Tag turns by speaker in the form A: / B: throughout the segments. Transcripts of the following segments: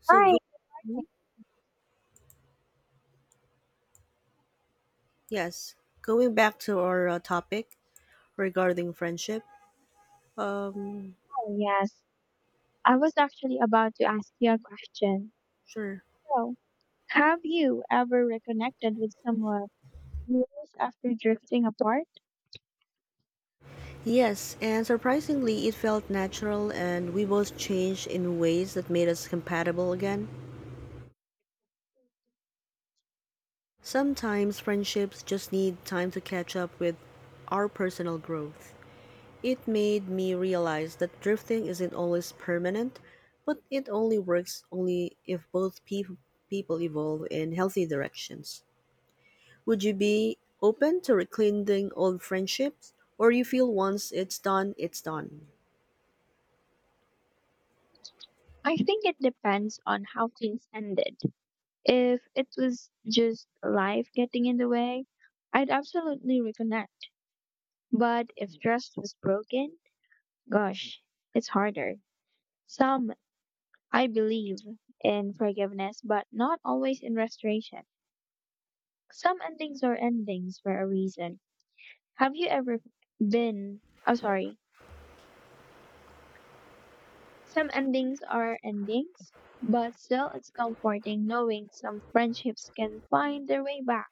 A: So go.
B: Hi,
A: Mhm. Yes, going back to our topic regarding friendship. Um
B: hi, yes. I was actually about to ask you a question.
A: sure.
B: So, have you ever reconnected with someone years after drifting apart?
A: Yes, and surprisingly it felt natural and we both changed in ways that made us compatible again. Sometimes friendships just need time to catch up with our personal growth. It made me realize that drifting isn't always permanent, but it only works only if both people evolve in healthy directions. Would you be open to rekindling old friendships, or you feel once it's done, it's done?
B: I think it depends on how things ended. If it was just life getting in the way, I'd absolutely reconnect. But if trust was broken, gosh, it's harder. Some, I believe in forgiveness, but not always in restoration. Some endings are endings for a reason. Have you ever been? I'm sorry. Some endings are endings, but still it's comforting knowing some friendships can find their way back.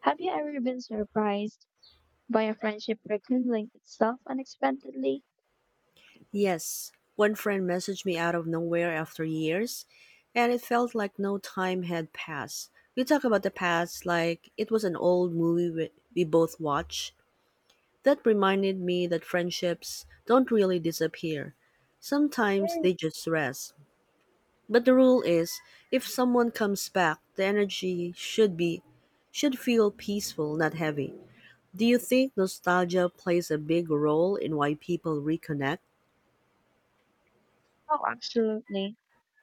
B: Have you ever been surprised by a friendship rekindling itself unexpectedly?
A: Yes, one friend messaged me out of nowhere after years, and it felt like no time had passed. We talk about the past like it was an old movie we both watched. That reminded me that friendships don't really disappear. Sometimes they just rest. But the rule is if someone comes back, the energy should feel peaceful, not heavy. Do you think nostalgia plays a big role in why people reconnect?
B: Oh, absolutely.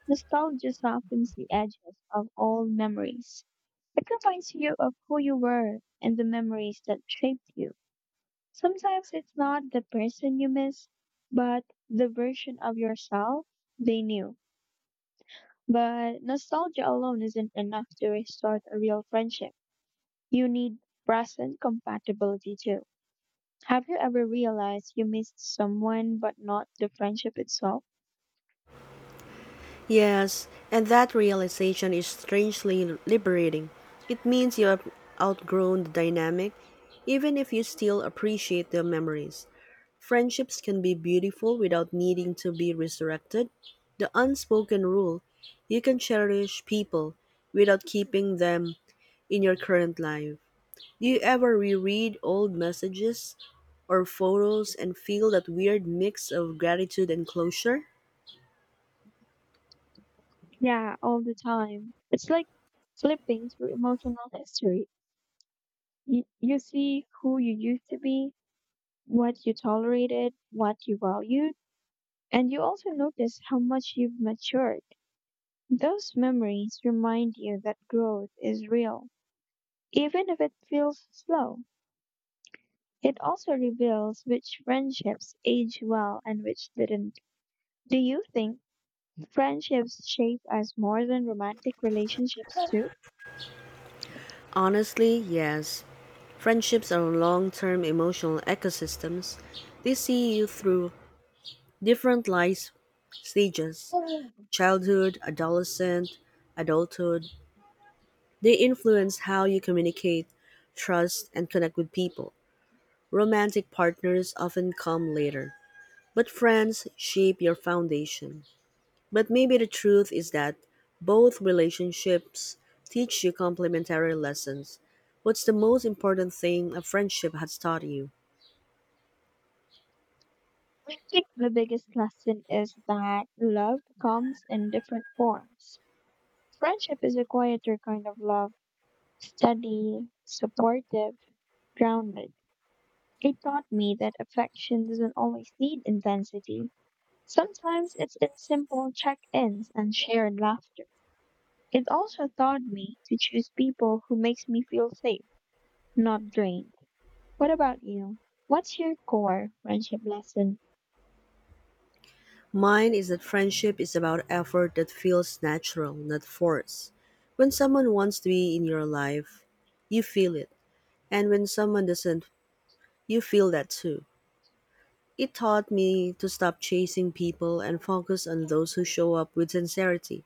B: Nostalgia softens the edges of old memories. It reminds you of who you were and the memories that shaped you. Sometimes it's not the person you miss, but the version of yourself they knew. But nostalgia alone isn't enough to restart a real friendship. You need present compatibility too. Have you ever realized you missed someone but not the friendship itself?
A: Yes, and that realization is strangely liberating. It means you have outgrown the dynamic, even if you still appreciate the memories. Friendships can be beautiful without needing to be resurrected. The unspoken rule: you can cherish people without keeping them in your current life. Do you ever reread old messages or photos and feel that weird mix of gratitude and closure?
B: Yeah, all the time. It's like flipping through emotional history. You see who you used to be, what you tolerated, what you valued, and you also notice how much you've matured. Those memories remind you that growth is real, even if it feels slow. It also reveals which friendships age well and which didn't. Do you think friendships shape us more than romantic relationships do?
A: Honestly, yes. Friendships are long term emotional ecosystems. They see you through different life stages: childhood, adolescent, adulthood. They influence how you communicate, trust, and connect with people. Romantic partners often come later, but friends shape your foundation. But maybe the truth is that both relationships teach you complementary lessons. What's the most important thing a friendship has taught you?
B: I think the biggest lesson is that love comes in different forms. Friendship is a quieter kind of love, steady, supportive, grounded. It taught me that affection doesn't always need intensity. Sometimes it's in simple check ins and shared laughter. It also taught me to choose people who makes me feel safe, not drained. What about you? What's your core friendship lesson?
A: Mine is that friendship is about effort that feels natural, not forced. When someone wants to be in your life, you feel it. And when someone doesn't, you feel that too. It taught me to stop chasing people and focus on those who show up with sincerity.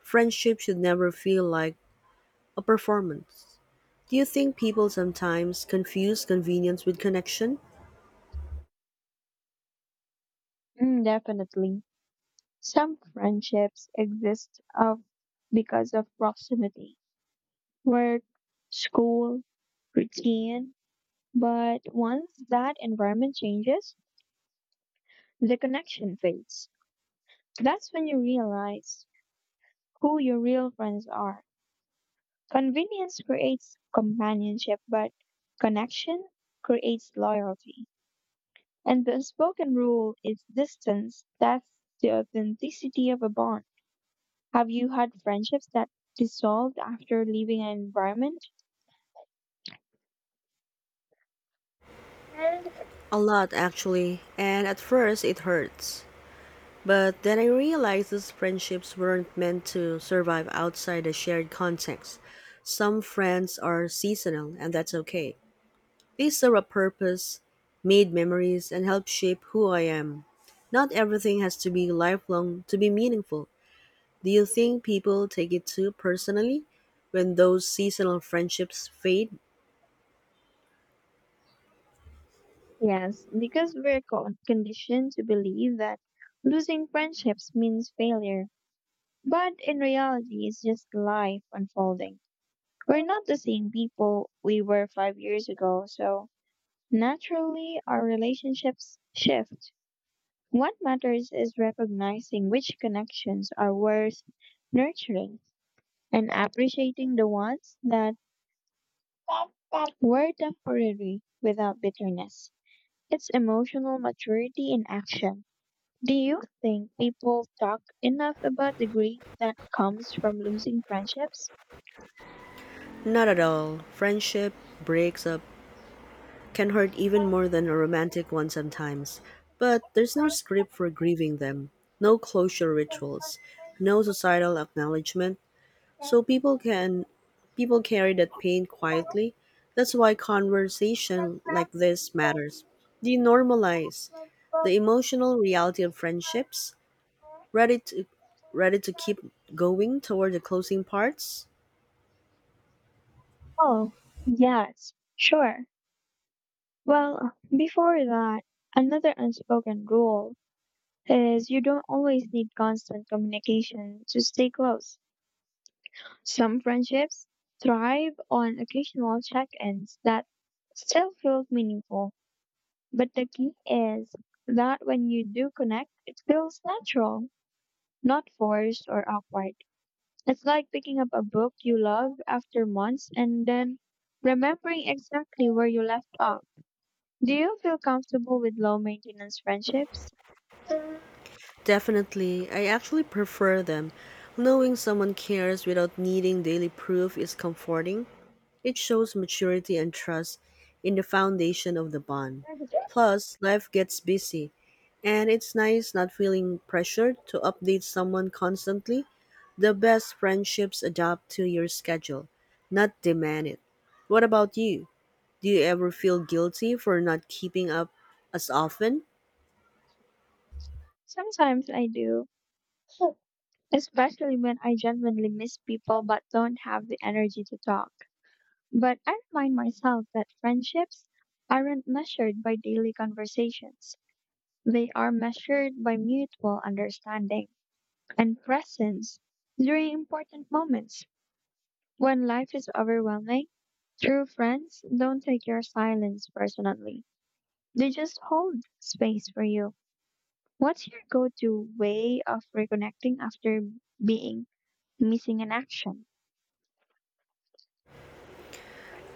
A: Friendship should never feel like a performance. Do you think people sometimes confuse convenience with connection?
B: Mm, definitely. Some friendships exist of because of proximity, work, school, routine, but once that environment changes, the connection fades. That's when you realize who your real friends are. Convenience creates companionship, but connection creates loyalty. And the unspoken rule is distance. That's the authenticity of a bond. Have you had friendships that dissolved after leaving an environment?
A: A lot, actually, and at first it hurts. But then I realized these friendships weren't meant to survive outside a shared context. Some friends are seasonal, and that's okay. They serve a purpose, made memories, and help shape who I am. Not everything has to be lifelong to be meaningful. Do you think people take it too personally when those seasonal friendships fade?
B: Yes, because we're conditioned to believe that losing friendships means failure. But in reality, it's just life unfolding. We're not the same people we were 5 years ago, so naturally, our relationships shift. What matters is recognizing which connections are worth nurturing and appreciating the ones that were temporary without bitterness. It's emotional maturity in action. Do you think people talk enough about the grief that comes from losing friendships?
A: Not at all. Friendship breaks up can hurt even more than a romantic one sometimes. But there's no script for grieving them, no closure rituals, no societal acknowledgement, so people carry that pain quietly. That's why conversation like this matters. Denormalize the emotional reality of friendships. Ready to Ready to keep going toward the closing parts?
B: Oh, yes, sure. Well, before that, another unspoken rule is you don't always need constant communication to stay close. Some friendships thrive on occasional check ins that still feels meaningful. But the key is that when you do connect, it feels natural, not forced or awkward. It's like picking up a book you love after months and then remembering exactly where you left off. Do you feel comfortable with low maintenance friendships?
A: Definitely. I actually prefer them. Knowing someone cares without needing daily proof is comforting. It shows maturity and trust in the foundation of the bond. Plus, life gets busy, and it's nice not feeling pressured to update someone constantly. The best friendships adapt to your schedule, not demand it. What about you? Do you ever feel guilty for not keeping up as often?
B: Sometimes I do, especially when I genuinely miss people but don't have the energy to talk. But I remind myself that friendships aren't measured by daily conversations, they are measured by mutual understanding and presence during important moments. When life is overwhelming, true friends don't take your silence personally. They just hold space for you. What's your go to way of reconnecting after being missing in action?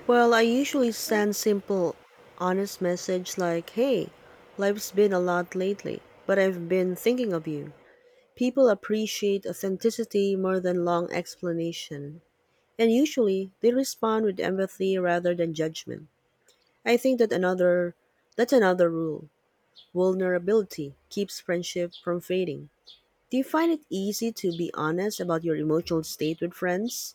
A: Well, I usually send simple, honest message like, "Hey, life's been a lot lately, but I've been thinking of you." People appreciate authenticity more than long explanation, and usually they respond with empathy rather than judgment. I think that's another rule. Vulnerability keeps friendship from fading. Do you find it easy to be honest about your emotional state with friends?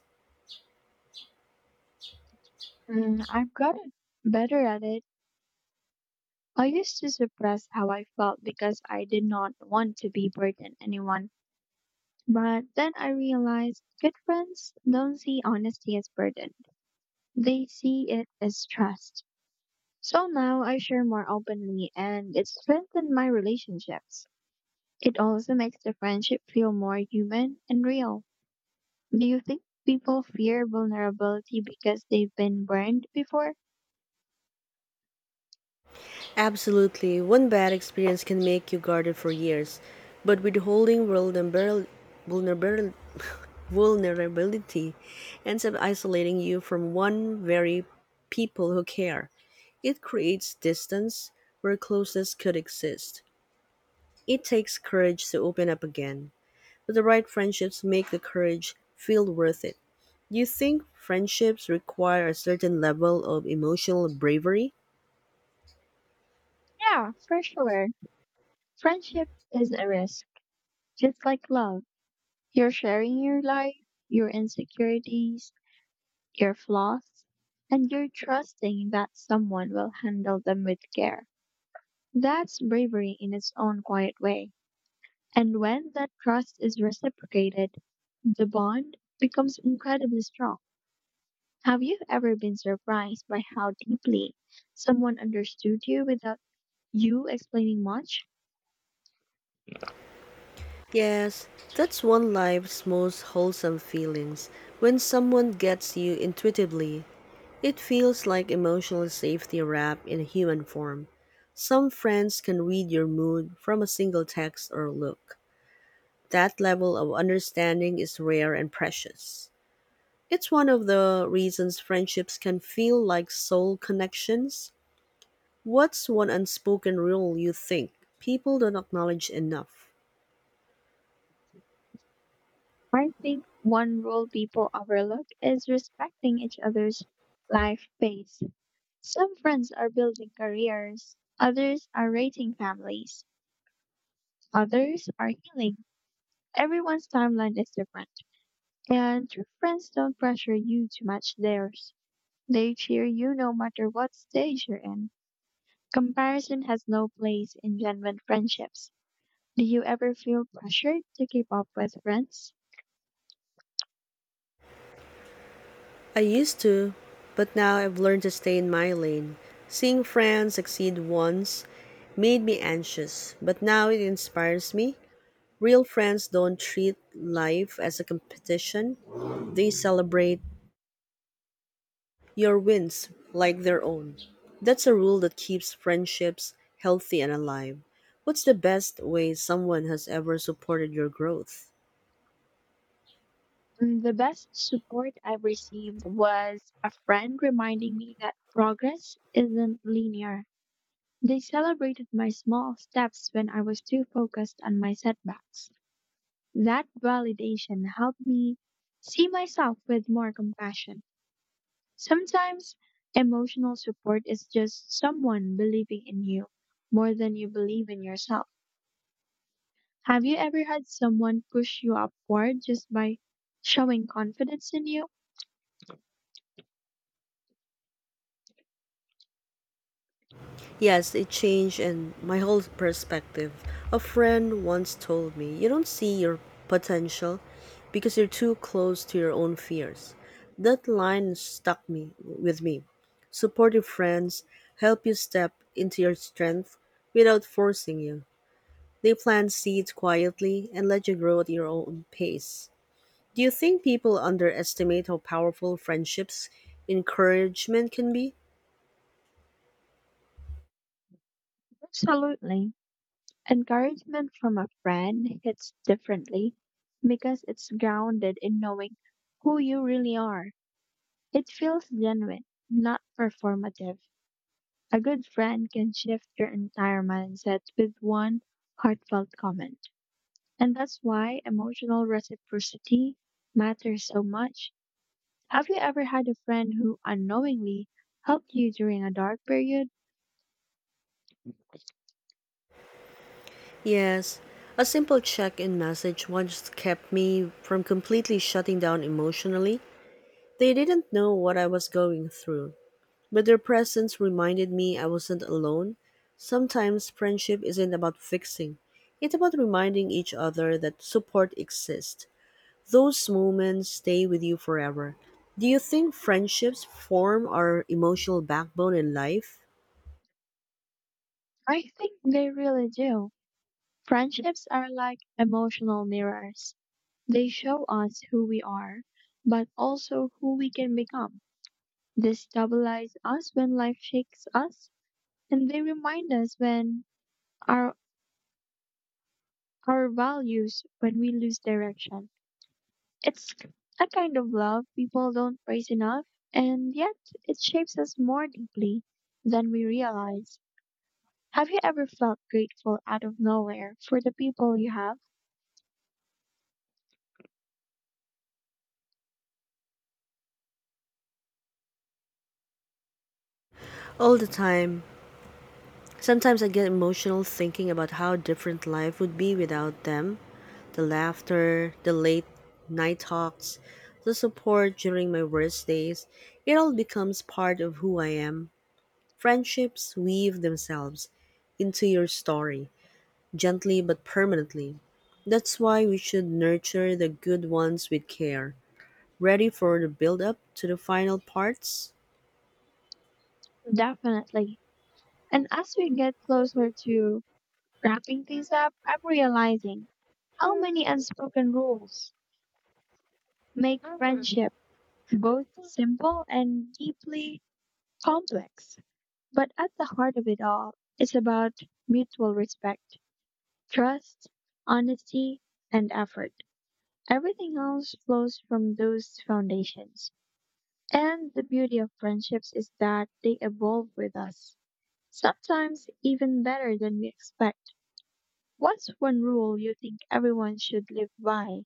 B: Mm, I've gotten better at it. I used to suppress how I felt because I did not want to be burden anyone. But then I realized good friends don't see honesty as burden. They see it as trust. So now I share more openly and it strengthened my relationships. It also makes the friendship feel more human and real. Do you think people fear vulnerability because they've been burned before?
A: Absolutely. One bad experience can make you guarded for years. But withholding holding vulnerability, vulnerability ends up isolating you from one very people who care. It creates distance where closeness could exist. It takes courage to open up again, but the right friendships make the courage feel worth it. Do you think friendships require a certain level of emotional bravery?
B: Yeah, for sure. Friendship is a risk. Just like love, you're sharing your life, your insecurities, your flaws, and you're trusting that someone will handle them with care. That's bravery in its own quiet way. And when that trust is reciprocated, the bond becomes incredibly strong. Have you ever been surprised by how deeply someone understood you without you explaining much?
A: Yes, that's one life's most wholesome feelings. When someone gets you intuitively, it feels like emotional safety wrapped in human form. Some friends can read your mood from a single text or look. That level of understanding is rare and precious. It's one of the reasons friendships can feel like soul connections. What's one unspoken rule you think people don't acknowledge enough?
B: I think one rule people overlook is respecting each other's life pace. Some friends are building careers, others are raising families, others are healing. Everyone's timeline is different, and true friends don't pressure you to match theirs. They cheer you no matter what stage you're in. Comparison has no place in genuine friendships. Do you ever feel pressured to keep up with friends?
A: I used to, but now I've learned to stay in my lane. Seeing friends succeed once made me anxious, but now it inspires me. Real friends don't treat life as a competition, they celebrate your wins like their own. That's a rule that keeps friendships healthy and alive. What's the best way someone has ever supported your growth?
B: Mm, the best support I've received was a friend reminding me that progress isn't linear. They celebrated my small steps when I was too focused on my setbacks. That validation helped me see myself with more compassion. Sometimes emotional support is just someone believing in you more than you believe in yourself. Have you ever had someone push you upward just by showing confidence in you?
A: Yes, it changed and my whole perspective. A friend once told me, you don't see your potential because you're too close to your own fears. That line stuck me with me. Supportive friends help you step into your strength without forcing you. They plant seeds quietly and let you grow at your own pace. Do you think people underestimate how powerful friendships encouragement can be?
B: Absolutely. Encouragement from a friend hits differently because it's grounded in knowing who you really are. It feels genuine, not performative. A good friend can shift your entire mindset with one heartfelt comment. And that's why emotional reciprocity matters so much. Have you ever had a friend who unknowingly helped you during a dark period?
A: Yes, a simple check in message once kept me from completely shutting down emotionally. They didn't know what I was going through, but their presence reminded me I wasn't alone. Sometimes friendship isn't about fixing, it's about reminding each other that support exists. Those moments stay with you forever. Do you think friendships form our emotional backbone in life?
B: I think they really do. Friendships are like emotional mirrors. They show us who we are, but also who we can become. They stabilize us when life shakes us, and they remind us when our our values when we lose direction. It's a kind of love people don't praise enough, and yet it shapes us more deeply than we realize. Have you ever felt grateful out of nowhere for the people you have?
A: All the time. Sometimes I get emotional thinking about how different life would be without them. The laughter, the late night talks, the support during my worst days, it all becomes part of who I am. Friendships weave themselves into your story, gently but permanently. That's why we should nurture the good ones with care, ready for the build up to the final parts.
B: Definitely. And as we get closer to wrapping things up, I'm realizing how many unspoken rules make friendship both simple and deeply complex. But at the heart of it all, it's about mutual respect, trust, honesty, and effort. Everything else flows from those foundations. And the beauty of friendships is that they evolve with us, sometimes even better than we expect. What's one rule you think everyone should live by?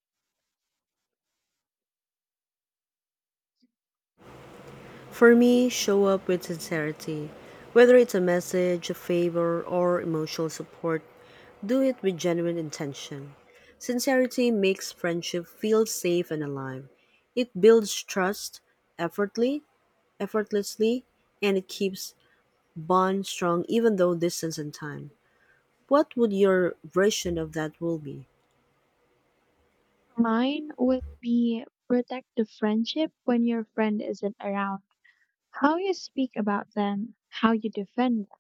A: For me, show up with sincerity. Whether it's a message, a favor, or emotional support, do it with genuine intention. Sincerity makes friendship feel safe and alive. It builds trust effortlessly, effortlessly, and it keeps bonds strong even though distance and time. What would your version of that rule be?
B: Mine would be protect the friendship when your friend isn't around. How you speak about them, how you defend them,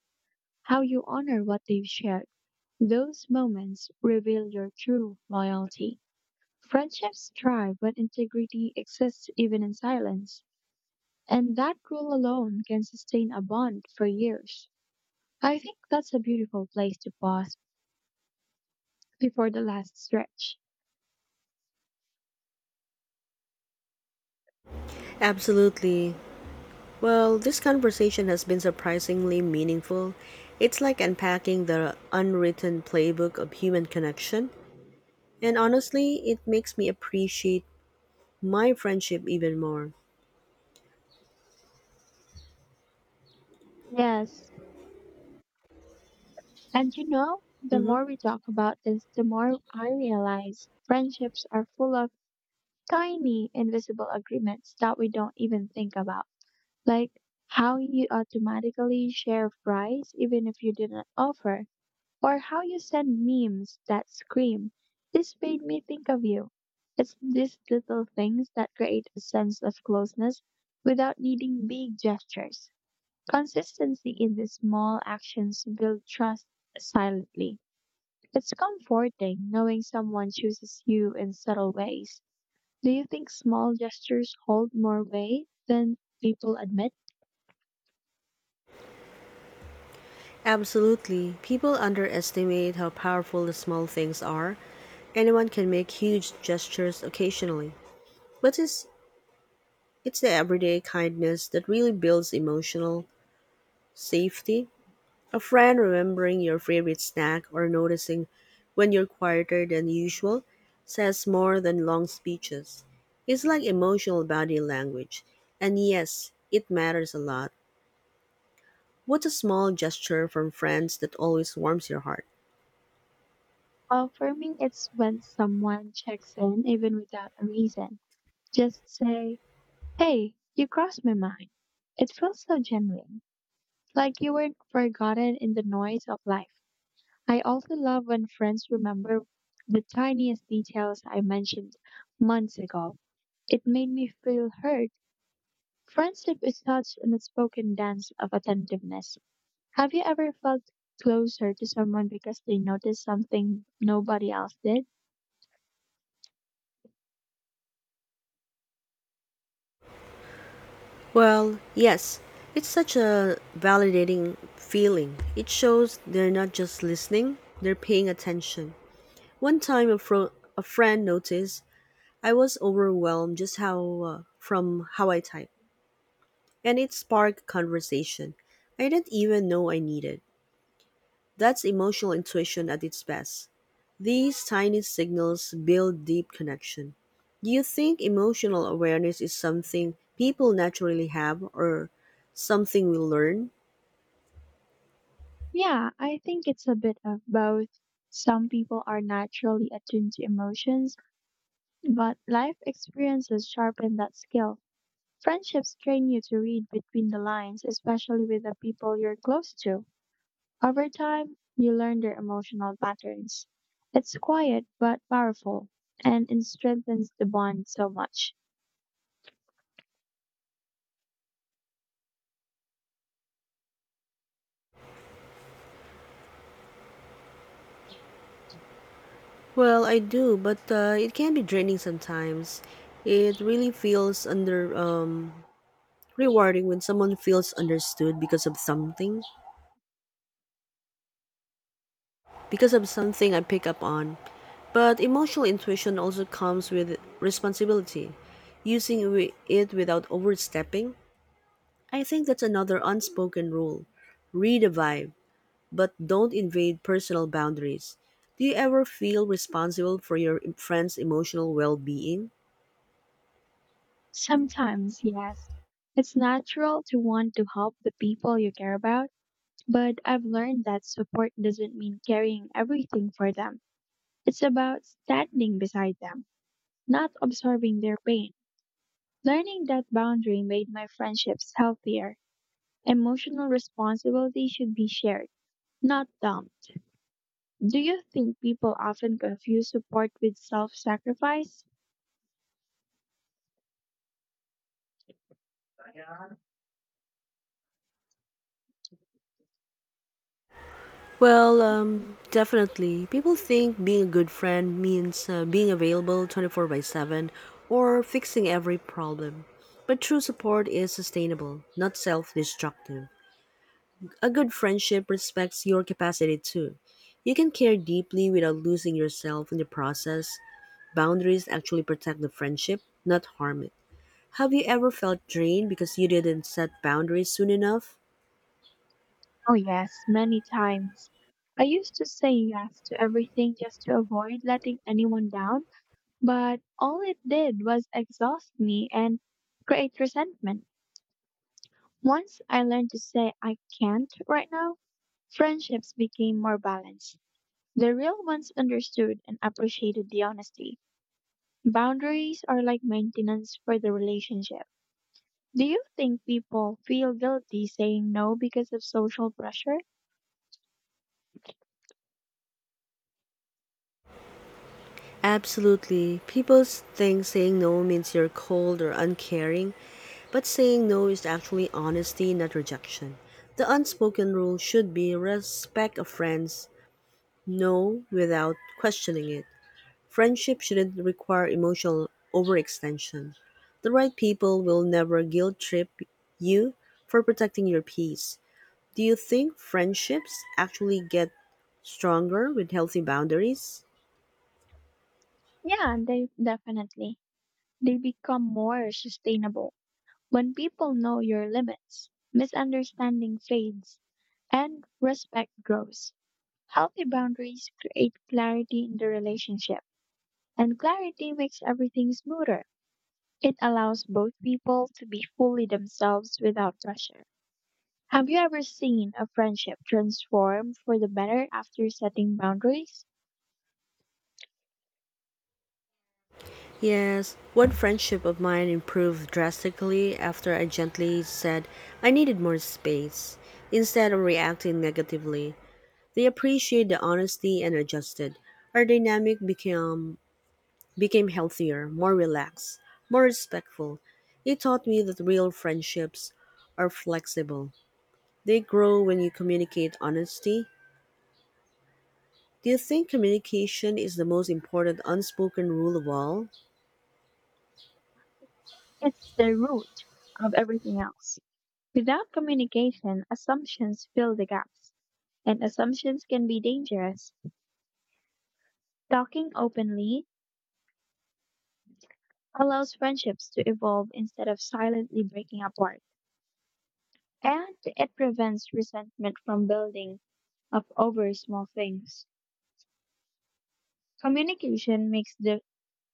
B: how you honor what they've shared. Those moments reveal your true loyalty. Friendships thrive when integrity exists even in silence. And that rule alone can sustain a bond for years. I think that's a beautiful place to pause before the last stretch.
A: Absolutely. Well, this conversation has been surprisingly meaningful. It's like unpacking the unwritten playbook of human connection. And honestly, it makes me appreciate my friendship even more.
B: Yes, and you know, the
A: Hmm.
B: more we talk about this, the more I realize friendships are full of tiny invisible agreements that we don't even think about. Like how you automatically share fries even if you didn't offer, or how you send memes that scream, "This made me think of you." It's these little things that create a sense of closeness without needing big gestures. Consistency in these small actions build trust silently. It's comforting knowing someone chooses you in subtle ways. Do you think small gestures hold more weight than people admit?
A: Absolutely. People underestimate how powerful the small things are. Anyone can make huge gestures occasionally. But it's the everyday kindness that really builds emotional safety. A friend remembering your favorite snack or noticing when you're quieter than usual says more than long speeches. It's like emotional body language. And yes, it matters a lot. What's a small gesture from friends that always warms your heart?
B: Well, for me, it's when someone checks in even without a reason. Just say, "Hey, you crossed my mind." It feels so genuine, like you weren't forgotten in the noise of life. I also love when friends remember the tiniest details I mentioned months ago. It made me feel heard. Friendship is such an unspoken dance of attentiveness. Have you ever felt closer to someone because they noticed something nobody else did?
A: Well, yes, it's such a validating feeling. It shows they're not just listening, they're paying attention. One time a friend noticed I was overwhelmed just how from how I type. And it sparked conversation I didn't even know I needed. That's emotional intuition at its best. These tiny signals build deep connection. Do you think emotional awareness is something people naturally have or something we learn?
B: Yeah, I think it's a bit of both. Some people are naturally attuned to emotions, but life experiences sharpen that skill. Friendships train you to read between the lines, especially with the people you're close to. Over time, you learn their emotional patterns. It's quiet but powerful, and it strengthens the bond so much.
A: Well, I do, but it can be draining sometimes. It really feels under rewarding when someone feels understood because of something I pick up on. But emotional intuition also comes with responsibility, using it without overstepping. I think that's another unspoken rule. Read a vibe, but don't invade personal boundaries. Do you ever feel responsible for your friend's emotional well being?
B: Sometimes, yes, it's natural to want to help the people you care about, but I've learned that support doesn't mean carrying everything for them. It's about standing beside them, not absorbing their pain. Learning that boundary made my friendships healthier. Emotional responsibility should be shared, not dumped. Do you think people often confuse support with self sacrifice?
A: Well, definitely. People think being a good friend means being available 24/7 or fixing every problem. But true support is sustainable, not self destructive. A good friendship respects your capacity too. You can care deeply without losing yourself in the process. Boundaries actually protect the friendship, not harm it. Have you ever felt drained because you didn't set boundaries soon enough?
B: Oh, yes, many times. I used to say yes to everything just to avoid letting anyone down. But all it did was exhaust me and create resentment. Once I learned to say I can't right now, friendships became more balanced. The real ones understood and appreciated the honesty. Boundaries are like maintenance for the relationship. Do you think people feel guilty saying no because of social pressure?
A: Absolutely. Think saying no means you're cold or uncaring, but saying no is actually honesty, not rejection. The unspoken rule should be respect of friends, no without questioning it. Friendship shouldn't require emotional overextension. The right people will never guilt trip you for protecting your peace. Do you think friendships actually get stronger with healthy boundaries?
B: Yeah, they definitely. They become more sustainable. When people know your limits, misunderstanding fades and respect grows. Healthy boundaries create clarity in the relationship, and clarity makes everything smoother. It allows both people to be fully themselves without pressure. Have you ever seen a friendship transform for the better after setting boundaries?
A: Yes, one friendship of mine improved drastically after I gently said I needed more space. Instead of reacting negatively, they appreciated the honesty and adjusted. Our dynamic became healthier, more relaxed, more respectful. It taught me that real friendships are flexible. They grow when you communicate honesty. Do you think communication is the most important unspoken rule of all?
B: It's the root of everything else. Without communication, assumptions fill the gaps, and assumptions can be dangerous. Talking openly allows friendships to evolve instead of silently breaking apart, and it prevents resentment from building up over small things. Communication makes the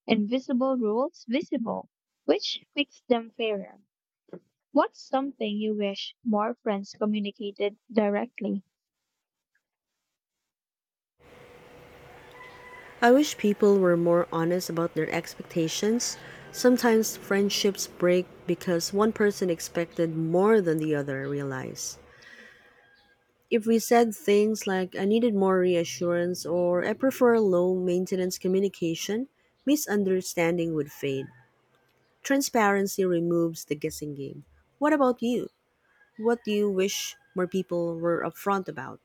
B: invisible rules visible, which makes them fairer. What's something you wish more friends communicated directly?
A: I wish people were more honest about their expectations. Sometimes friendships break because one person expected more than the other realized. If we said things like, I needed more reassurance or I prefer low maintenance communication, misunderstanding would fade. Transparency removes the guessing game. What about you? What do you wish more people were upfront about?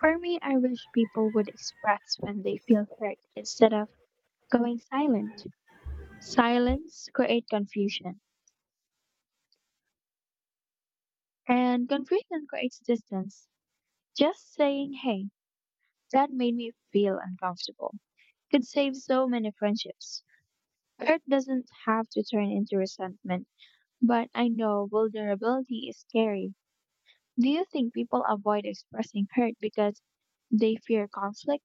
B: For me, I wish people would express when they feel hurt instead of going silent. Silence creates confusion, and confusion creates distance. Just saying, "Hey, that made me feel uncomfortable," could save so many friendships. Hurt doesn't have to turn into resentment, but I know vulnerability is scary. Do you think people avoid expressing hurt because they fear conflict?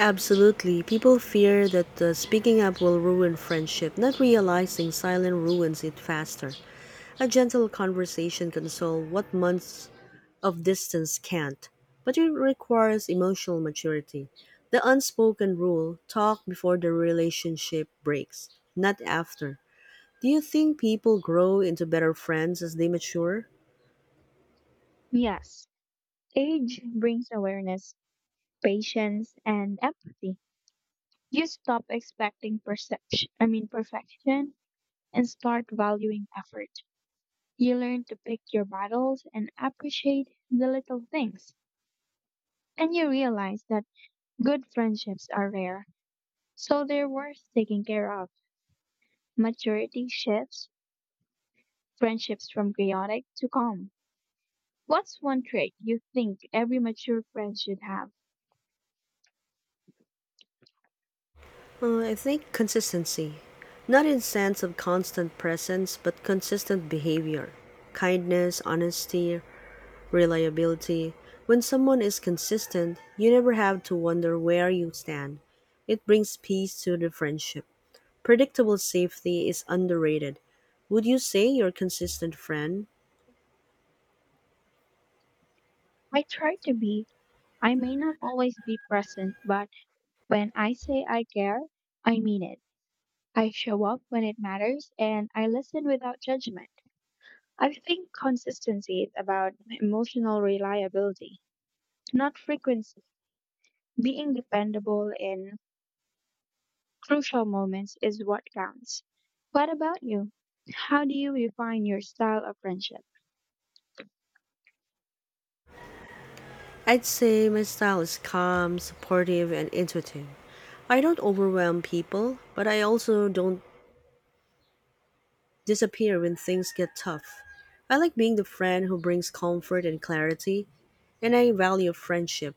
A: Absolutely. People fear that speaking up will ruin friendship, not realizing silence ruins it faster. A gentle conversation can solve what months of distance can't, but it requires emotional maturity. The unspoken rule: talk before the relationship breaks, not after. Do you think people grow into better friends as they mature?
B: Yes, age brings awareness, patience, and empathy. You stop expecting perception, I mean perfection, and start valuing effort. You learn to pick your battles and appreciate the little things. And you realize that good friendships are rare, so they're worth taking care of. Maturity shifts friendships from chaotic to calm. What's one trait you think every mature friend should have?
A: I think consistency. Not in sense of constant presence, but consistent behavior. Kindness, honesty, reliability. When someone is consistent, you never have to wonder where you stand. It brings peace to the friendship. Predictable safety is underrated. Would you say you're a consistent friend?
B: I try to be. I may not always be present, but when I say I care, I mean it. I show up when it matters and I listen without judgment. I think consistency is about emotional reliability, not frequency. Being dependable in crucial moments is what counts. What about you? How do you refine your style of friendship?
A: I'd say my style is calm, supportive, and intuitive. I don't overwhelm people, but I also don't disappear when things get tough. I like being the friend who brings comfort and clarity, and I value friendship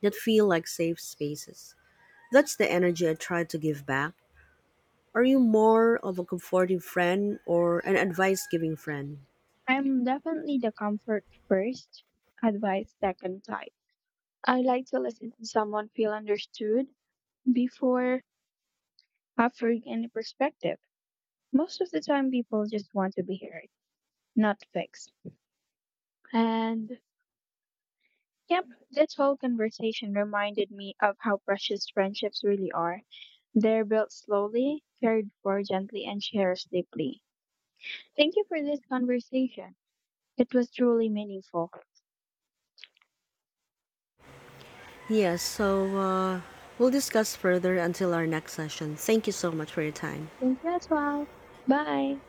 A: that feel like safe spaces. That's the energy I try to give back. Are you more of a comforting friend or an advice giving friend?
B: I'm definitely the comfort first, advice second type. I like to listen to someone feel understood before offering any perspective. Most of the time, people just want to be heard, not fixed. And yep, this whole conversation reminded me of how precious friendships really are. They're built slowly, cared for gently, and cherished deeply. Thank you for this conversation. It was truly meaningful.
A: Yes, so we'll discuss further until our next session. Thank you so much for your time.
B: Thank you as well. Bye.